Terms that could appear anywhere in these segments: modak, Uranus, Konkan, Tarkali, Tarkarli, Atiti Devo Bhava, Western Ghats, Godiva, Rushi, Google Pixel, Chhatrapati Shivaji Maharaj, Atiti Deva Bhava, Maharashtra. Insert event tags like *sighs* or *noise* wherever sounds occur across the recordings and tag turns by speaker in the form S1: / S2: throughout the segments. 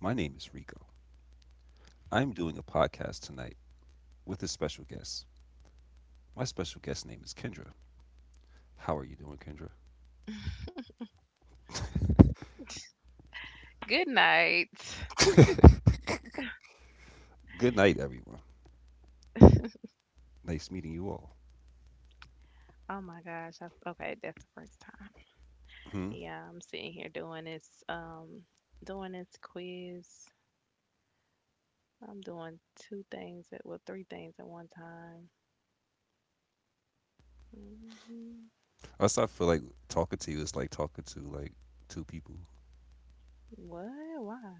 S1: My name is Rico. I'm doing a podcast tonight with a special guest. My special guest name is Kendra. How are you doing, Kendra?
S2: Good night.
S1: Good night, everyone. Nice meeting you all.
S2: Oh my gosh. Okay, that's the first time.
S1: Hmm.
S2: Yeah, I'm sitting here doing this quiz. I'm doing two things at well, three things at one time. hmm
S1: Also, I feel like talking to you is like talking to two people.
S2: What? Why?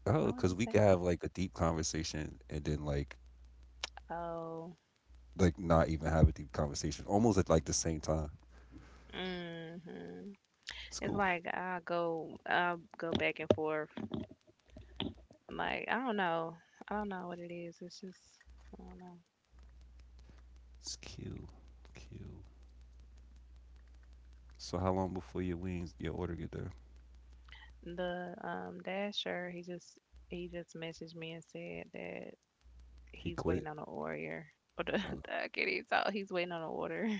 S1: Oh,
S2: Why would
S1: because
S2: you
S1: we
S2: say
S1: could have like a deep conversation and then like
S2: that? Oh.
S1: like not even have a deep conversation, almost at like the same time.
S2: hmm
S1: It's
S2: It's
S1: cool.
S2: like I go back and forth. Like I don't know. I don't know what it is. It's just I don't know.
S1: It's Q. Q. So how long before your wings, your order get there?
S2: The Dasher, he just messaged me and said that
S1: He
S2: he's
S1: quit.
S2: waiting on an order. Or the,
S1: Oh.
S2: *laughs* I can't even talk. He's waiting on an order. *laughs*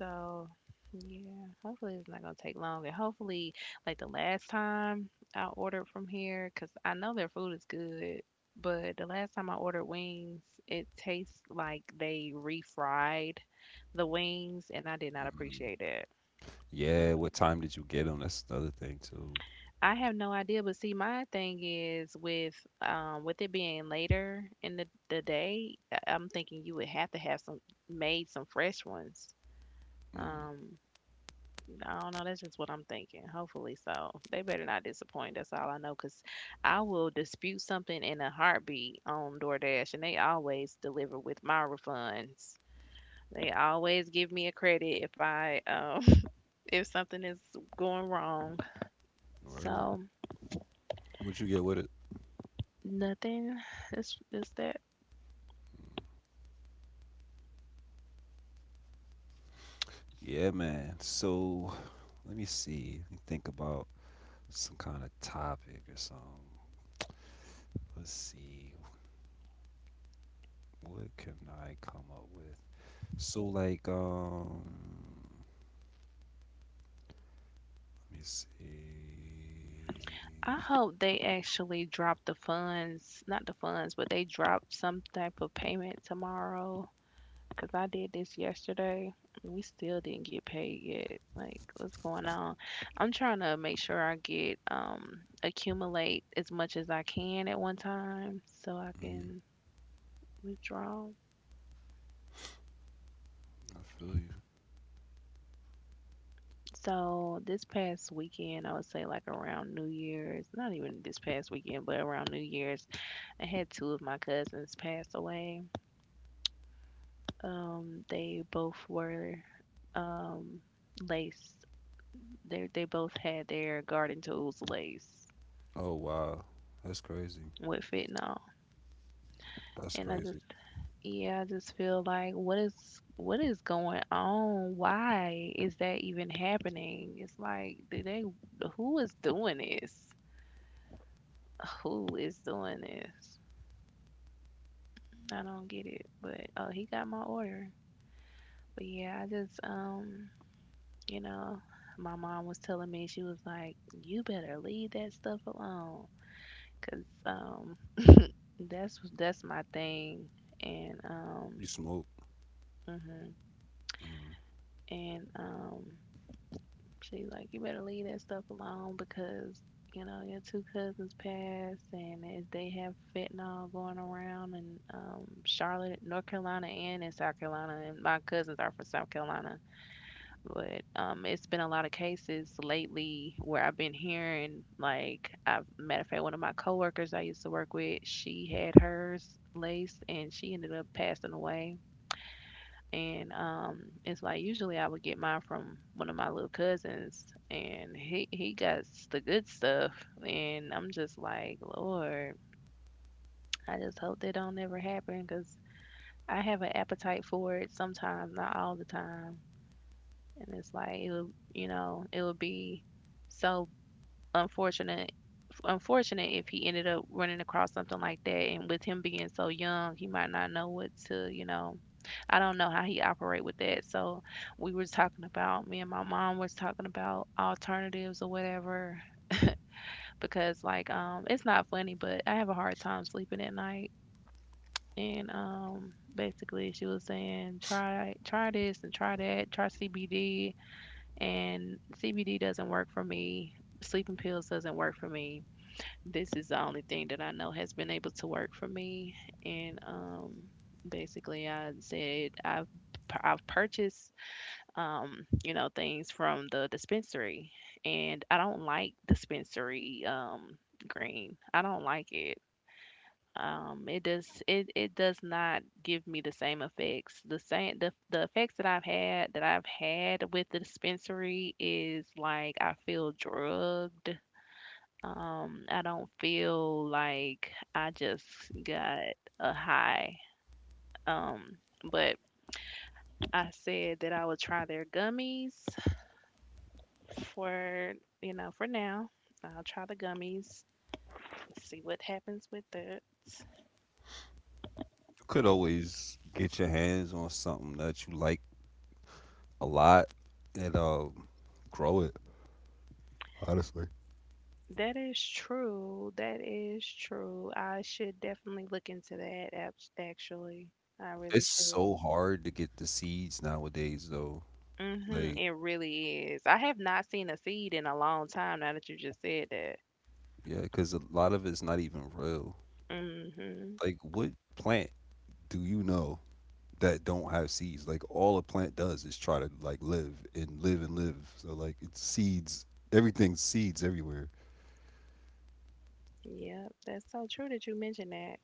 S2: So yeah, hopefully it's not gonna take long, and hopefully, like the last time I ordered from here, cause I know their food is good. But the last time I ordered wings, it tastes like they refried the wings, and I did not
S1: Mm.
S2: appreciate that.
S1: Yeah,
S2: Mm-mm.
S1: what time did you get them? That's another thing too.
S2: I have no idea, but see, my thing is with it being later in the day, I'm thinking you would have to have some made some fresh ones.
S1: Mm.
S2: Um, I don't know. That's just what I'm thinking. Hopefully, so they better not disappoint. That's all I know, cause I will dispute something in a heartbeat on DoorDash, and they always deliver with my refunds. They always give me a credit if I *laughs* if something is going wrong.
S1: Word.
S2: So
S1: What you get with it?
S2: nothing. It's that
S1: Yeah, man. So let me see. Let me think about some kind of topic or something. Let's see. What can I come up with? So let me see.
S2: I hope they actually drop the funds, not the funds, but they drop some type of payment tomorrow. Cause I did this yesterday and we still didn't get paid yet. Like, what's going on? I'm trying to make sure I get accumulate as much as I can at one time so I
S1: Hmm
S2: can withdraw.
S1: I feel you.
S2: So this past weekend, I would say like around New Year's, not even this past weekend, but around New Year's, I had two of my cousins pass away. They both were um, laced. They both had their garden tools laced
S1: Oh wow, that's crazy.
S2: with fentanyl,
S1: That's
S2: and I
S1: crazy.
S2: just yeah, I just feel like what is going on? Why is that even happening? It's like do they who is doing this? Who is doing this? I don't get it. But oh, he got my order. But yeah, I just. You know, my mom was telling me, she was like, you better leave that stuff alone, 'cause that's my thing. And
S1: You smoke.
S2: hmm
S1: Mm.
S2: and She's like, you better leave that stuff alone because you know your two cousins passed, and if they have fentanyl going around in Charlotte, North Carolina, and in South Carolina, and my cousins are from South Carolina. But it's been a lot of cases lately where I've been hearing, like, I've matter of fact, one of my coworkers I used to work with, she had hers laced and she ended up passing away. And it's like usually I would get mine from one of my little cousins, and he got the good stuff, and I'm just like, Lord, I just hope that don't ever happen, 'cause I have an appetite for it sometimes, not all the time. And it's like it would, you know, it would be so unfortunate unfortunate if he ended up running across something like that, and with him being so young, he might not know what to, you know, I don't know how he operate with that. So we were talking about, me and my mom was talking about alternatives or whatever, because like it's not funny, but I have a hard time sleeping at night. And um, basically she was saying try this and try that, try CBD, and CBD doesn't work for me. Sleeping pills doesn't work for me. This is the only thing that I know has been able to work for me. And basically, I said I've purchased you know, things from the dispensary, and I don't like dispensary green. I don't like it. Um, it does it does not give me the same effects, the same the effects that I've had with the dispensary is like I feel drugged. Um, I don't feel like I just got a high. Um, but I said that I would try their gummies for, you know, for now I'll try the gummies, see what happens with that.
S1: You could always get your hands on something that you like a lot and grow it. Honestly,
S2: That is true. That is true. I should definitely look into that, actually. I really
S1: it's
S2: should.
S1: so hard to get the seeds nowadays, though.
S2: It
S1: Like,
S2: really is. I have not seen a seed in a long time now that you just said that.
S1: yeah, because a lot of it's not even real.
S2: hmm
S1: Like, what plant do you know that don't have seeds? Like, all a plant does is try to like live and live and live. So like, it's seeds. Everything's seeds everywhere.
S2: Yep, that's so true that you mentioned that.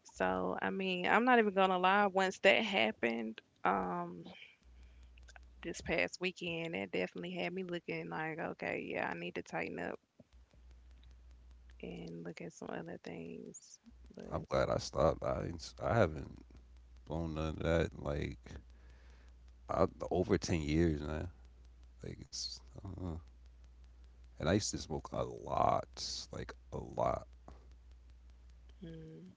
S2: So, I mean, I'm not even gonna lie, once that happened, this past weekend, that definitely had me looking like, okay, yeah, I need to tighten up and look at some other things. But,
S1: I'm glad I stopped. I ain't s- I haven't blown none of that. Like, I, over 10 years now. Like, it's I don't know. And I used to smoke a lot, like a lot.
S2: mm,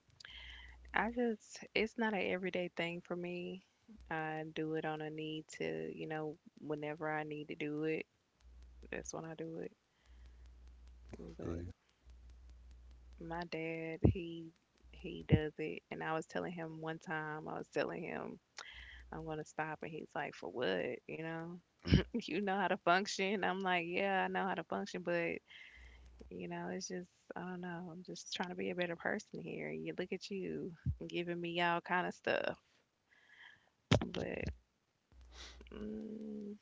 S2: I just, it's not an everyday thing for me. I do it on a need to, you know, whenever I need to do it, that's when I do it. But
S1: Really.
S2: my dad, he does it, and I was telling him one time, I was telling him I'm gonna stop, and he's like, "For what? You know,
S1: Mm.
S2: *laughs* you know how to function." I'm like, "Yeah, I know how to function, but you know, it's just I don't know. I'm just trying to be a better person here. You look at you giving me all kind of stuff, but." Mm,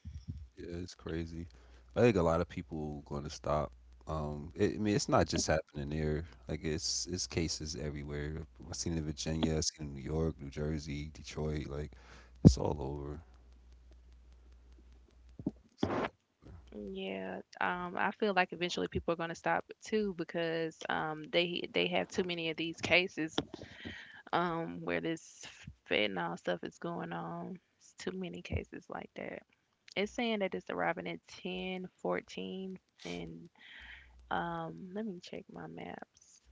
S1: Yeah, it's crazy. I think a lot of people going to stop. I mean, it's not just happening there. Like it's cases everywhere. I've seen it in Virginia, I've seen it in New York, New Jersey, Detroit. Like it's all over. It's all-
S2: Yeah, I feel like eventually people are going to stop too because they have too many of these cases where this fentanyl stuff is going on. It's too many cases like that. It's saying that it's arriving at 10:14, and let me check my maps.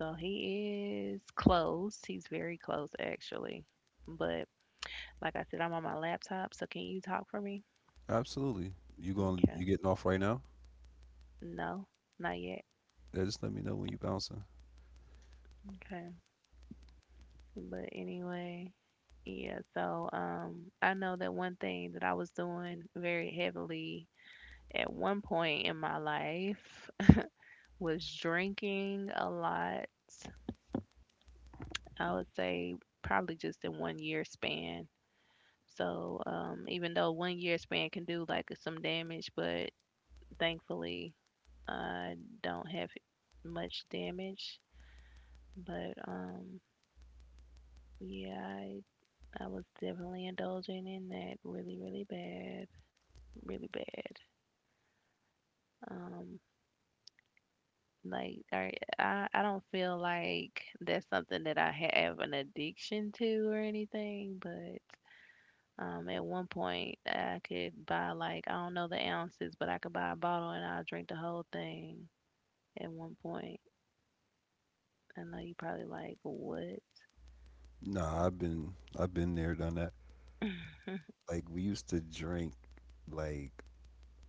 S2: So he is close. He's very close actually. But like I said, I'm on my laptop, so can you talk for me?
S1: absolutely. You going? You
S2: Okay.
S1: getting off right now?
S2: No, not yet.
S1: Yeah, just let me know when you bouncing.
S2: Okay. But anyway, yeah, so I know that one thing that I was doing very heavily at one point in my life *laughs* was drinking a lot. I would say probably just in one year span. So even though one year span can do like some damage, but thankfully I don't have much damage. But yeah, I was definitely indulging in that really, really bad. Really bad. Um, like I, I don't feel like that's something that I have an addiction to or anything, but at one point I could buy like I don't know the ounces, but I could buy a bottle and I'll drink the whole thing at one point. I know you probably like what?
S1: Nah, I've been there, done that. Like we used to drink like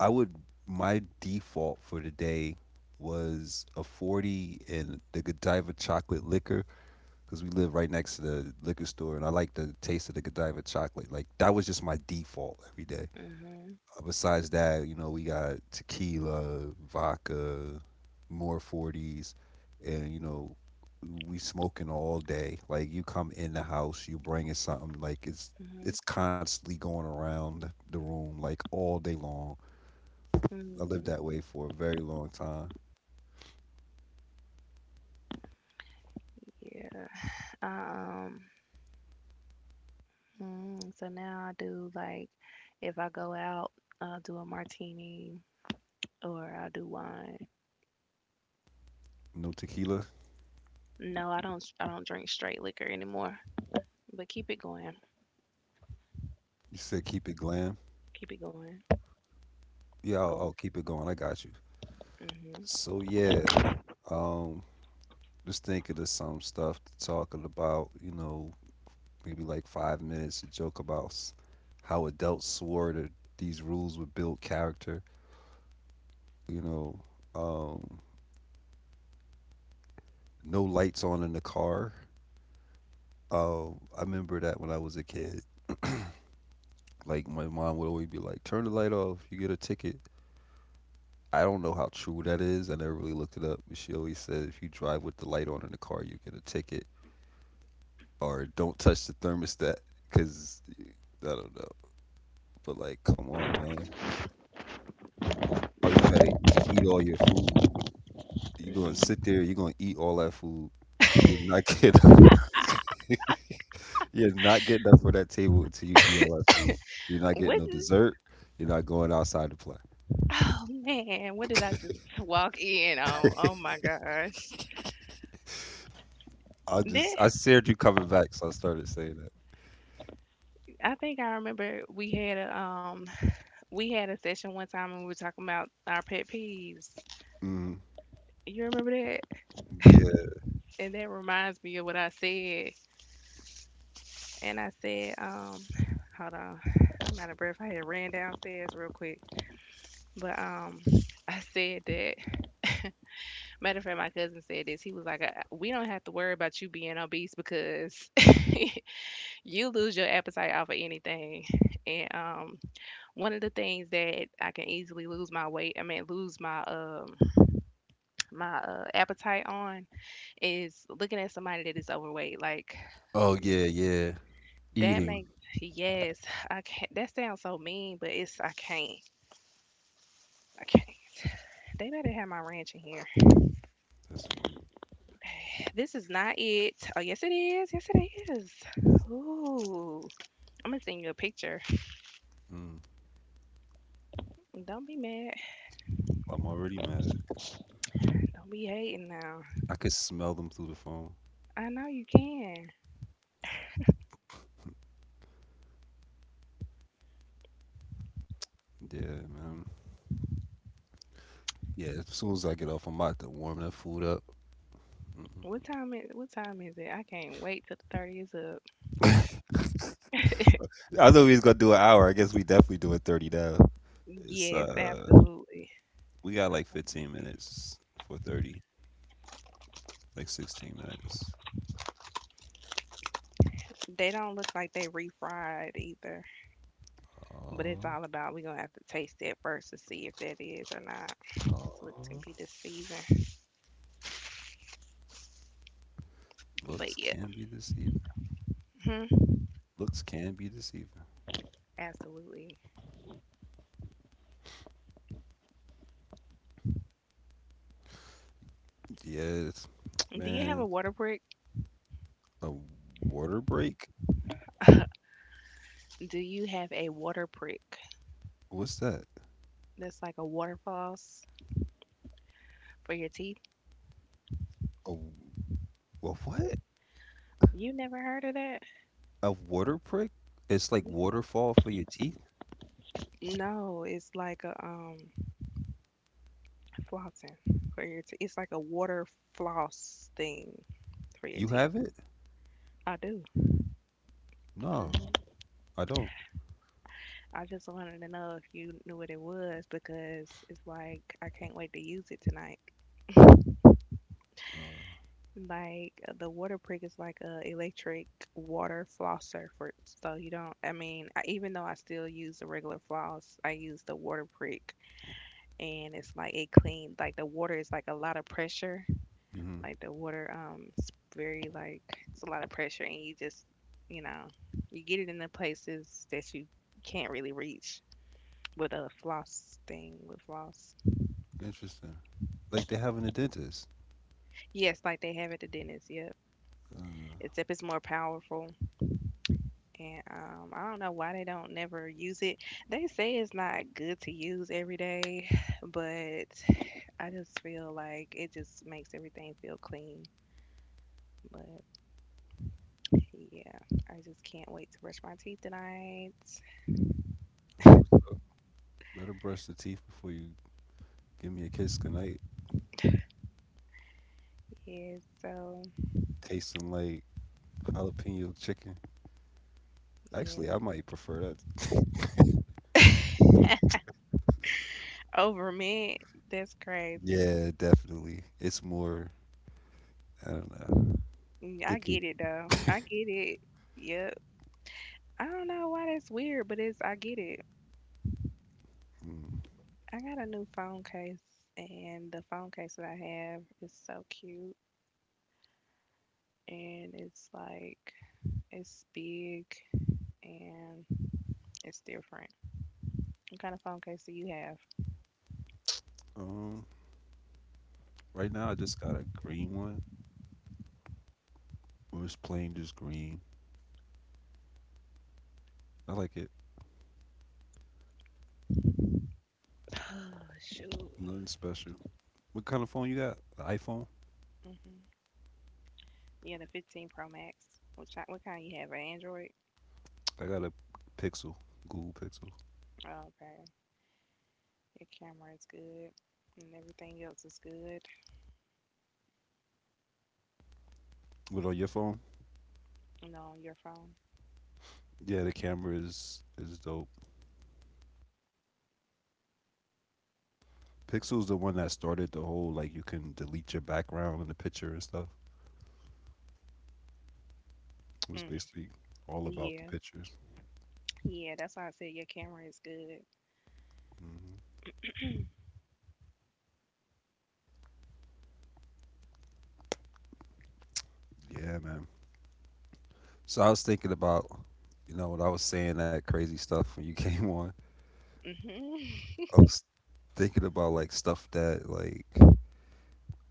S1: I would my default for the day was a 40 and the Godiva chocolate liquor because we live right next to the liquor store and I like the taste of the Godiva chocolate. Like that was just my default every day.
S2: Mhm,
S1: Besides that, you know, we got tequila, vodka, more 40s and you know, we smoking all day. Like you come in the house, you bringing something like it's
S2: mhm,
S1: it's constantly going around the room like all day long. I lived
S2: mm,
S1: that way for a very long time.
S2: yeah. Um, so now I do like if I go out, I'll do a martini or I'll do wine.
S1: No tequila.
S2: No, I don't. I don't drink straight liquor anymore. But keep it going.
S1: You said keep it glam.
S2: Keep it going.
S1: Yeah, I'll
S2: Going.
S1: keep it going. I got you.
S2: Mm-hmm.
S1: So yeah, um, just thinking of some stuff to talk about. You know, maybe like 5 minutes to joke about how adults swore that these rules would build character. You know, um, no lights on in the car. I remember that when I was a kid. *clears throat* Like my mom would always be like, "Turn the light off. You get a ticket." I don't know how true that is. I never really looked it up. But she always said if you drive with the light on in the car, you get a ticket. Or don't touch the thermostat because I don't know. But like, come on, man. Or you better eat all your food. You're going to sit
S2: Mm.
S1: there. You're going to eat all that food. You're not getting *laughs* you're not getting up for that table until you eat all that food. You're not getting
S2: What?
S1: no dessert. You're not going outside to play.
S2: Oh man, what did I just walk in on? Oh my gosh.
S1: I
S2: Then
S1: just I said you coming back, so I started saying that.
S2: I think I remember we had a session one time and we were talking about our pet peeves.
S1: Mm,
S2: You remember that?
S1: yeah.
S2: And that reminds me of what I said. And I said hold on. I'm out of breath. I had ran downstairs real quick. But I said that matter of fact, my cousin said this. He was like, we don't have to worry about you being obese because *laughs* you lose your appetite off of anything." *laughs* And one of the things that I can easily lose my weight, I mean, lose my *tsk* my appetite on is looking at somebody that is overweight. Like
S1: Oh yeah, yeah.
S2: that
S1: Eating.
S2: makes yes, I can't. That sounds so mean, but it's I can't. I can't. They better have my ranch in here. *sighs*
S1: That's funny.
S2: This is not it. Oh yes, it is. Yes, it is. Ooh. I'm gonna send you a picture.
S1: Mm.
S2: Don't be mad.
S1: I'm already mad.
S2: Don't be hating now.
S1: I could smell them through the phone.
S2: I know you can.
S1: Yeah, man. Yeah, as soon as I get off, I'm about to warm that food up.
S2: What time is it? I can't wait till the 30th is up.
S1: I thought we was gonna do an hour. I guess we definitely doing 30 now. It's
S2: Yes, absolutely.
S1: we got like 15 minutes for 30, like 16 minutes.
S2: They don't look like they refried either. But it's
S1: Oh,
S2: all about we're gonna have to taste that first to see if that is or not. This looks can be
S1: oh,
S2: deceiving.
S1: looks
S2: But yeah,
S1: can be deceiving.
S2: mhm,
S1: Looks can be deceiving.
S2: absolutely.
S1: Yes,
S2: Do you have a
S1: man.
S2: water prick?
S1: A water break?
S2: Do you have a water prick?
S1: What's that?
S2: That's like a water floss for your teeth.
S1: A, w- a what?
S2: You never heard of that?
S1: A water prick? It's like waterfall for your teeth?
S2: No, it's like a flossing for your teeth. It's like a water floss thing for your
S1: You
S2: teeth.
S1: have it?
S2: I do.
S1: No,
S2: hmm
S1: I don't.
S2: I just wanted to know if you knew what it was because it's like I can't wait to use it tonight.
S1: Uh,
S2: Like the water prick is like a electric water flosser for so you don't. I mean, I, even though I still use the regular floss, I use the water prick and it's like it clean. Like the water is like a lot of pressure.
S1: hmm
S2: Like the water, it's very like it's a lot of pressure, and you just, you know, you get it in the places that you can't really reach with a floss thing with floss.
S1: interesting. Like they have in the dentist.
S2: Yes, like they have at the dentist. Yep.
S1: Uh,
S2: Except it's more powerful, and I don't know why they don't never use it. They say it's not good to use every day, but I just feel like it just makes everything feel clean. But yeah, I just can't wait to brush my teeth tonight.
S1: that's what's up. Better brush the teeth before you give me a kiss goodnight.
S2: Yes, so
S1: Tasting like jalapeno chicken. Actually, I
S2: yes.
S1: might prefer that.
S2: Over me, that's
S1: *laughs*
S2: crazy.
S1: Yeah, definitely. It's more. I don't know.
S2: Mm,
S1: They
S2: I
S1: could.
S2: get it though. I get it. Yep. I don't know why that's weird, but it's I get it.
S1: Mm,
S2: I got a new phone case, and the phone case that I have is so cute, and it's like it's big and it's different. What kind of phone case do you have?
S1: um, right now I just got a green one. It was plain, just green. I like it.
S2: Oh, shoot.
S1: Nothing special. What kind of phone you got? An iPhone?
S2: Hmm. Yeah, the 15 Pro Max. Which what kind you have? An Android?
S1: I got a Pixel, Google Pixel.
S2: Oh, okay. Your camera is good and everything else is good.
S1: But on your phone,
S2: And on your phone.
S1: yeah, the camera is dope. Pixel's the one that started the whole like you can delete your background in the picture and stuff. It was
S2: Mm,
S1: basically all about the
S2: yeah.
S1: pictures.
S2: Yeah, that's why I said your camera is good.
S1: Hmm Yeah, man. So I was thinking about, you know, when I was saying that crazy stuff when you *laughs* came on,
S2: Hmm. *laughs*
S1: I was thinking about like stuff that like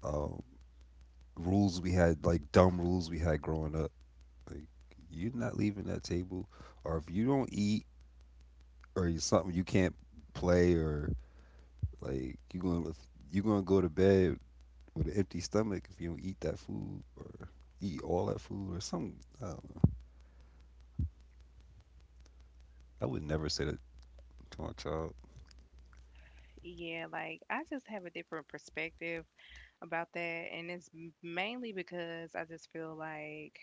S1: um, rules we had, like dumb rules we had growing up. Like you're not leaving that table, or if you don't eat, or you something you can't play, or like you gonna go to bed with an empty stomach if you don't eat that food or eat all that food or something. I don't know. I would never say that to my child.
S2: Yeah, like I just have a different perspective about that. And it's mainly because I just feel like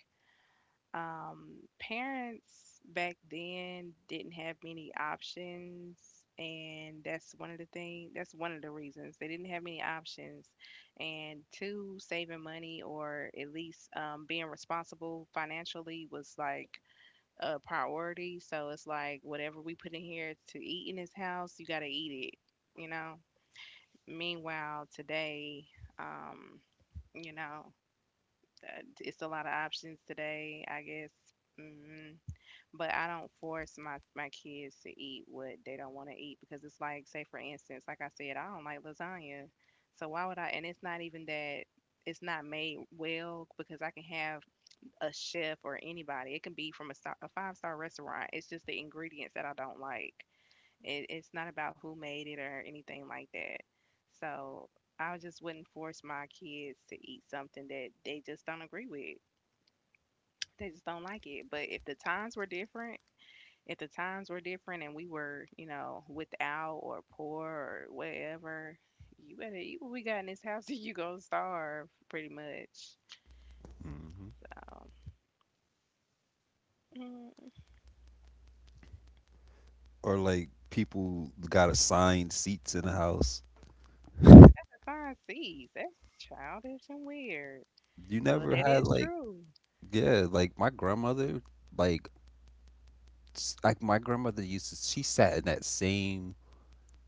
S2: Parents back then didn't have many options, and that's one of the thing. That's one of the reasons they didn't have many options, and two, saving money or at least being responsible financially was like a priority. So it's like whatever we put in here to eat in this house, you gotta eat it, you know. Meanwhile, today, um, you know, it's a lot of options today. I guess. Mm. But I don't force my kids to eat what they don't want to eat because it's like, say for instance, like I said, I don't like lasagna, so why would I? And it's not even that it's not made well, because I can have a chef or anybody. It can be from a, star, a five-star restaurant. It's just the ingredients that I don't like. It's not about who made it or anything like that. So I just wouldn't force my kids to eat something that they just don't agree with. They just don't like it. But if the times were different, if the times were different and we were, you know, without or poor or whatever, you better eat what we got in this house *laughs* or you gonna starve pretty much.
S1: Hmm
S2: Um, mm,
S1: Or like people got assigned seats in the house.
S2: who got the five C's? That's childish and weird.
S1: You
S2: Well,
S1: never
S2: that is
S1: had like
S2: true.
S1: yeah, like my grandmother, like like my grandmother used to. She sat in that same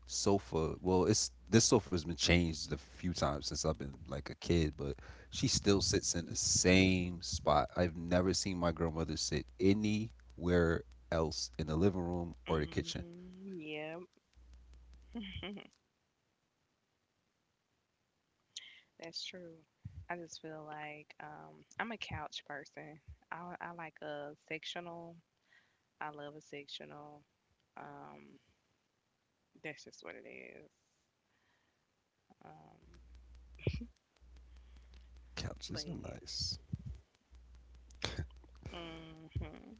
S1: sofa. Well, it's this sofa's been changed a few times since I've been like a kid, but she still sits in the same spot. I've never seen my grandmother sit anywhere else in the living room or the kitchen.
S2: Hmm. Yeah, *laughs* that's true. I just feel like I'm a couch person. I like a sectional. I love a sectional. Um, that's just what it is. Um, But
S1: Couches are
S2: yeah.
S1: nice.
S2: Mhm.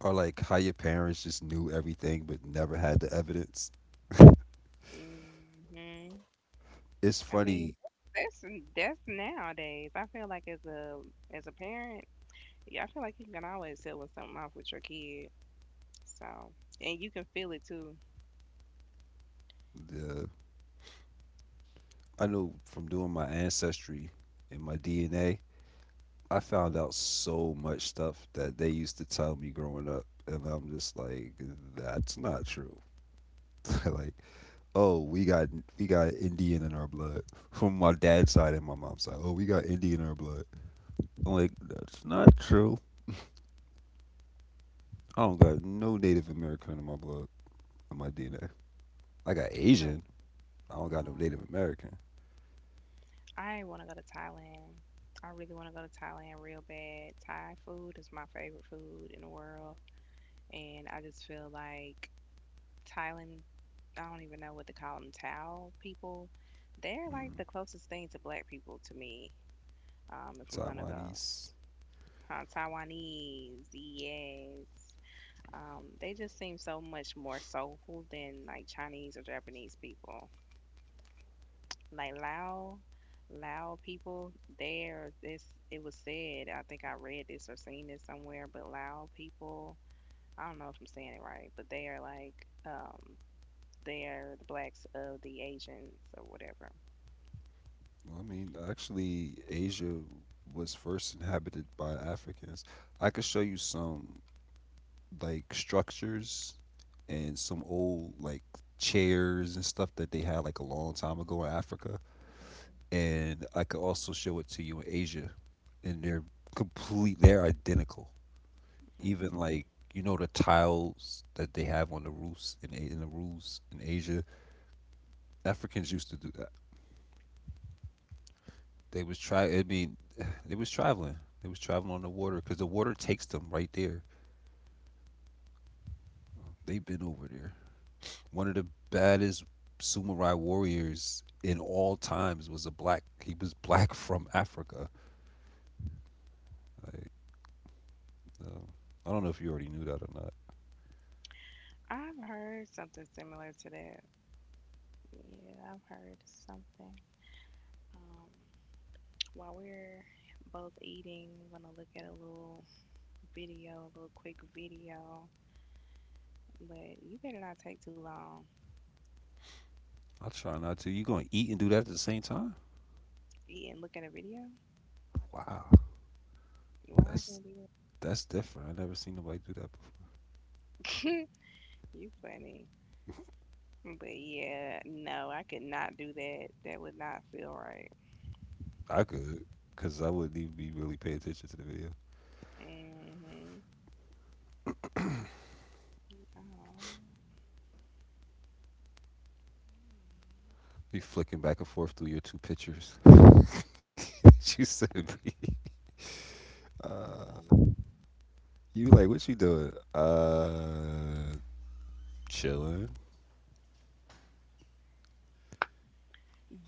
S1: Or like how your parents just knew everything but never had the evidence.
S2: Mhm.
S1: It's
S2: I mean,
S1: funny.
S2: that's that's nowadays. I feel like as a parent, yeah, I feel like you can always tell when something off with your kid. So, and you can feel it too.
S1: The I know from doing my ancestry and my DNA. I found out so much stuff that they used to tell me growing up, and I'm just like, that's not true. *laughs* Like, oh, we got we got Indian in our blood *laughs* from my dad's side and my mom's side. Oh, we got Indian in our blood. I'm like, that's not true. I don't got no Native American in my blood, in my DNA. I got
S2: So,
S1: Asian. I don't got no
S2: mhm.
S1: Native American.
S2: I want to go to Thailand. I really want to go to Thailand real bad. Thai food is my favorite food in the world, and I just feel like Thailand. I don't even know what to call them, Tao people. They're like
S1: Mm,
S2: the closest thing to black people to me, if we're gonna go.
S1: Taiwanese.
S2: Huh, Taiwanese, yes. They just seem so much more soulful than like Chinese or Japanese people. Like Lao, people, there, this it was said. I think I read this or seen this somewhere, but Lao people, I don't know if I'm saying it right, but they are like um, they are the blacks of the Asians or whatever.
S1: Well, I mean, actually, Asia was first inhabited by Africans. I could show you some like structures and some old like chairs and stuff that they had like a long time ago in Africa. And I could also show it to you in Asia. And they're identical. Even
S2: Mm.
S1: like you know the tiles that they have on the roofs in the roofs in Asia. Africans used to do that. They was try I mean *sighs* they was traveling. They was traveling on the water because the water takes them right there. They've been over there. One of the baddest samurai warriors in all times was a black. He was black from Africa. Like, um, I don't know if you already knew that or not.
S2: I've heard something similar to that. Yeah, I've heard something. Um, While we're both eating, I'm gonna look at a little video, a little quick video. But you better not take too long.
S1: I try not to. You gonna eat and do that at the same time?
S2: Eat and look at a video?
S1: Wow,
S2: Why I can't
S1: that's
S2: do
S1: that's different. I never seen nobody do that before.
S2: that? *laughs* You funny. But yeah, no, I could not do that. That would not feel right.
S1: I could, cause I wouldn't even be really paying attention to the video.
S2: Hmm. Oh,
S1: Be flicking back and forth through your two pictures. *laughs* You sent me.
S2: you
S1: Uh,
S2: funny.
S1: you like what you doing? Chilling.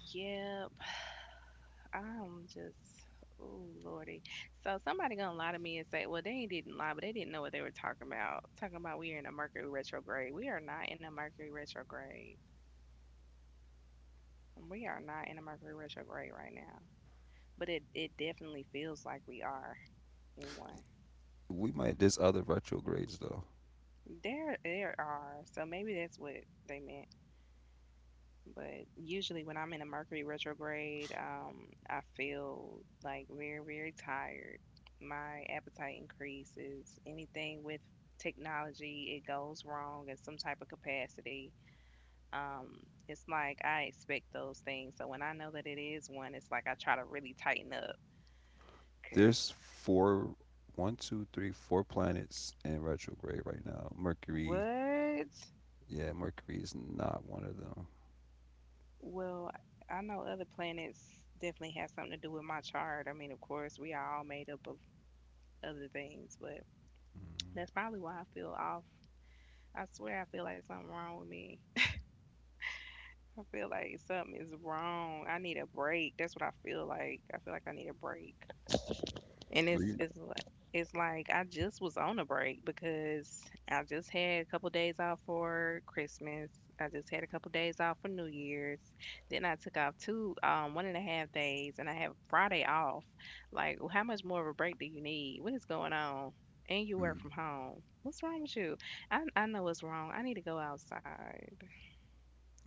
S2: Yeah, I'm just, oh lordy. So somebody gonna lie to me and say, well, they didn't lie, but they didn't know what they were talking about. Talking about we are in a Mercury retrograde. We are not in a Mercury retrograde. We are not in a Mercury retrograde right now. But it definitely feels like we are in one.
S1: We might. There's other retrogrades though.
S2: There are. So maybe that's what they meant. But usually when I'm in a Mercury retrograde, I feel like very, very tired. My appetite increases. Anything with technology, it goes wrong in some type of capacity. Um, it's like I expect those things. So when I know that it is one, it's like I try to really tighten up. Cause
S1: There's four, one, two, three, four planets in retrograde right now. Mercury,
S2: what?
S1: yeah, Mercury is not one of them.
S2: Well, I know other planets definitely have something to do with my chart. I mean, of course, we are all made up of other things, but that's
S1: Mm.
S2: probably why I feel off. I swear I feel like something wrong with me. *laughs* I feel like something is wrong. I need a break. That's what I feel like. I feel like I need a break. And
S1: Well,
S2: it's
S1: you,
S2: it's like I just was on a break because I just had a couple days off for Christmas. I just had a couple days off for New Year's. Then I took off two 1.5 days and I have Friday off. Like, "Well, how much more of a break do you need? What is going on? And you work
S1: hmm.
S2: from home. What's wrong with you? I know what's wrong. I need to go outside.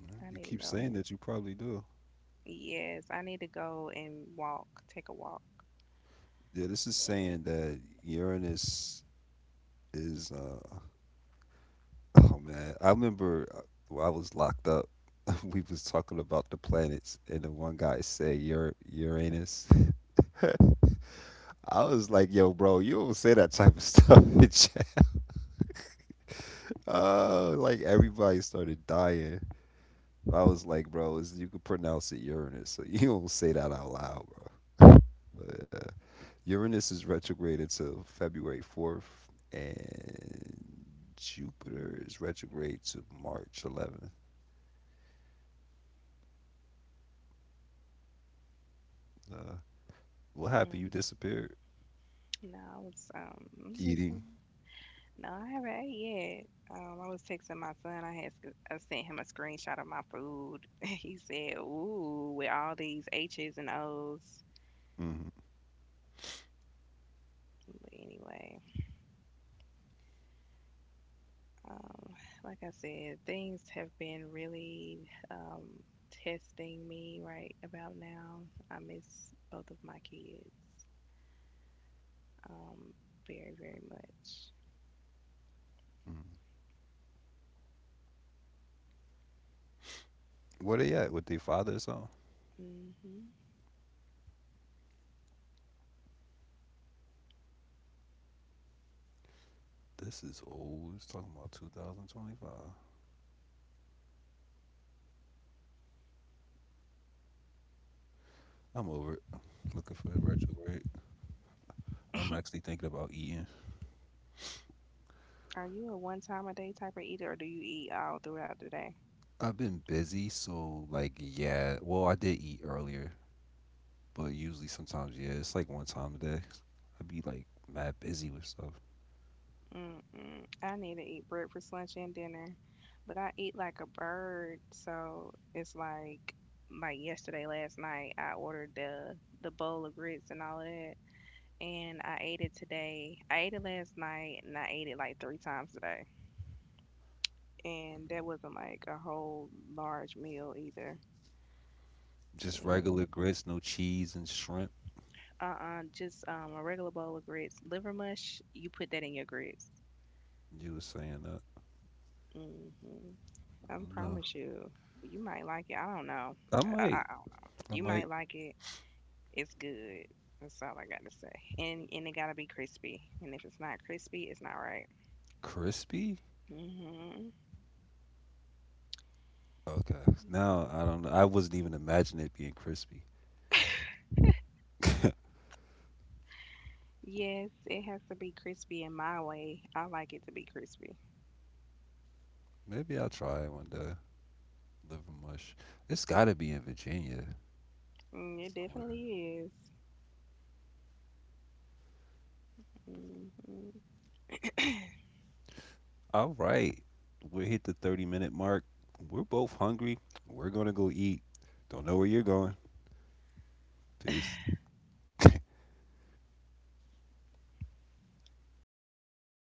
S2: I need
S1: you
S2: to
S1: keep
S2: go.
S1: saying that you probably do.
S2: Yes, I need to go and walk, take a walk.
S1: Yeah, this is saying that Uranus is. *laughs* Oh man, I remember when I was locked up. *laughs* We was talking about the planets, and the one guy said Uranus. *laughs* I was like, "Yo, bro, you don't say that type of *laughs* stuff in chat." *laughs* Oh, like everybody started dying. I was like, bro, is you could pronounce it Uranus, so *laughs* you don't say that out loud, bro. But yeah, Uranus is retrograded to February 4th, and Jupiter is retrograde to March 11th. Uh, what
S2: Mm.
S1: happened? You disappeared.
S2: No, I was
S1: Eating.
S2: listening. No, I haven't ate yet. I was texting my son. I sent him a screenshot of my food. *laughs* He said, "Ooh, with all these H's and O's."
S1: Hmm
S2: But anyway, um, like I said, things have been really testing me right about now. I miss both of my kids, um, very, very much.
S1: hmm Where they at with their father or something?
S2: Hmm.
S1: This is old. It's talking about 2025. I'm over it. Looking for a retrograde. I'm actually thinking about eating.
S2: Are you a one time a day type of eater, or do you eat all throughout the day?
S1: I've been busy, so like yeah. Well, I did eat earlier, but usually, sometimes, yeah, it's like one time a day. I be like mad busy with stuff.
S2: Mm-mm. I need to eat breakfast, lunch, and dinner, but I eat like a bird. So it's like yesterday, last night, I ordered the bowl of grits and all of that, and I ate it today. I ate it last night, and I ate it like three times today, and that wasn't like a whole large meal either. But
S1: Just
S2: anyway,
S1: regular grits, no cheese and shrimp.
S2: uh-uh, just a regular bowl of grits, liver mush. You put that in your grits.
S1: You were saying that?
S2: Hmm. I promise
S1: No,
S2: you, you might like it. I don't know.
S1: I
S2: I don't
S1: might,
S2: know. You
S1: I
S2: might
S1: might
S2: like it. It's good. That's all I got to say. And it gotta be crispy. And if it's not crispy, it's not right.
S1: crispy.
S2: Hmm.
S1: Okay, now I don't know. I wasn't even imagining it being crispy.
S2: Yes, it has to be crispy in my way. I like it to be crispy.
S1: Maybe I'll try it one day. Liver mush. It's got to be in Virginia
S2: Mm, it
S1: somewhere.
S2: definitely is. Hmm.
S1: All right, we hit the 30-minute mark. We're both hungry. We're gonna go eat. Don't know where you're going. Peace. *laughs*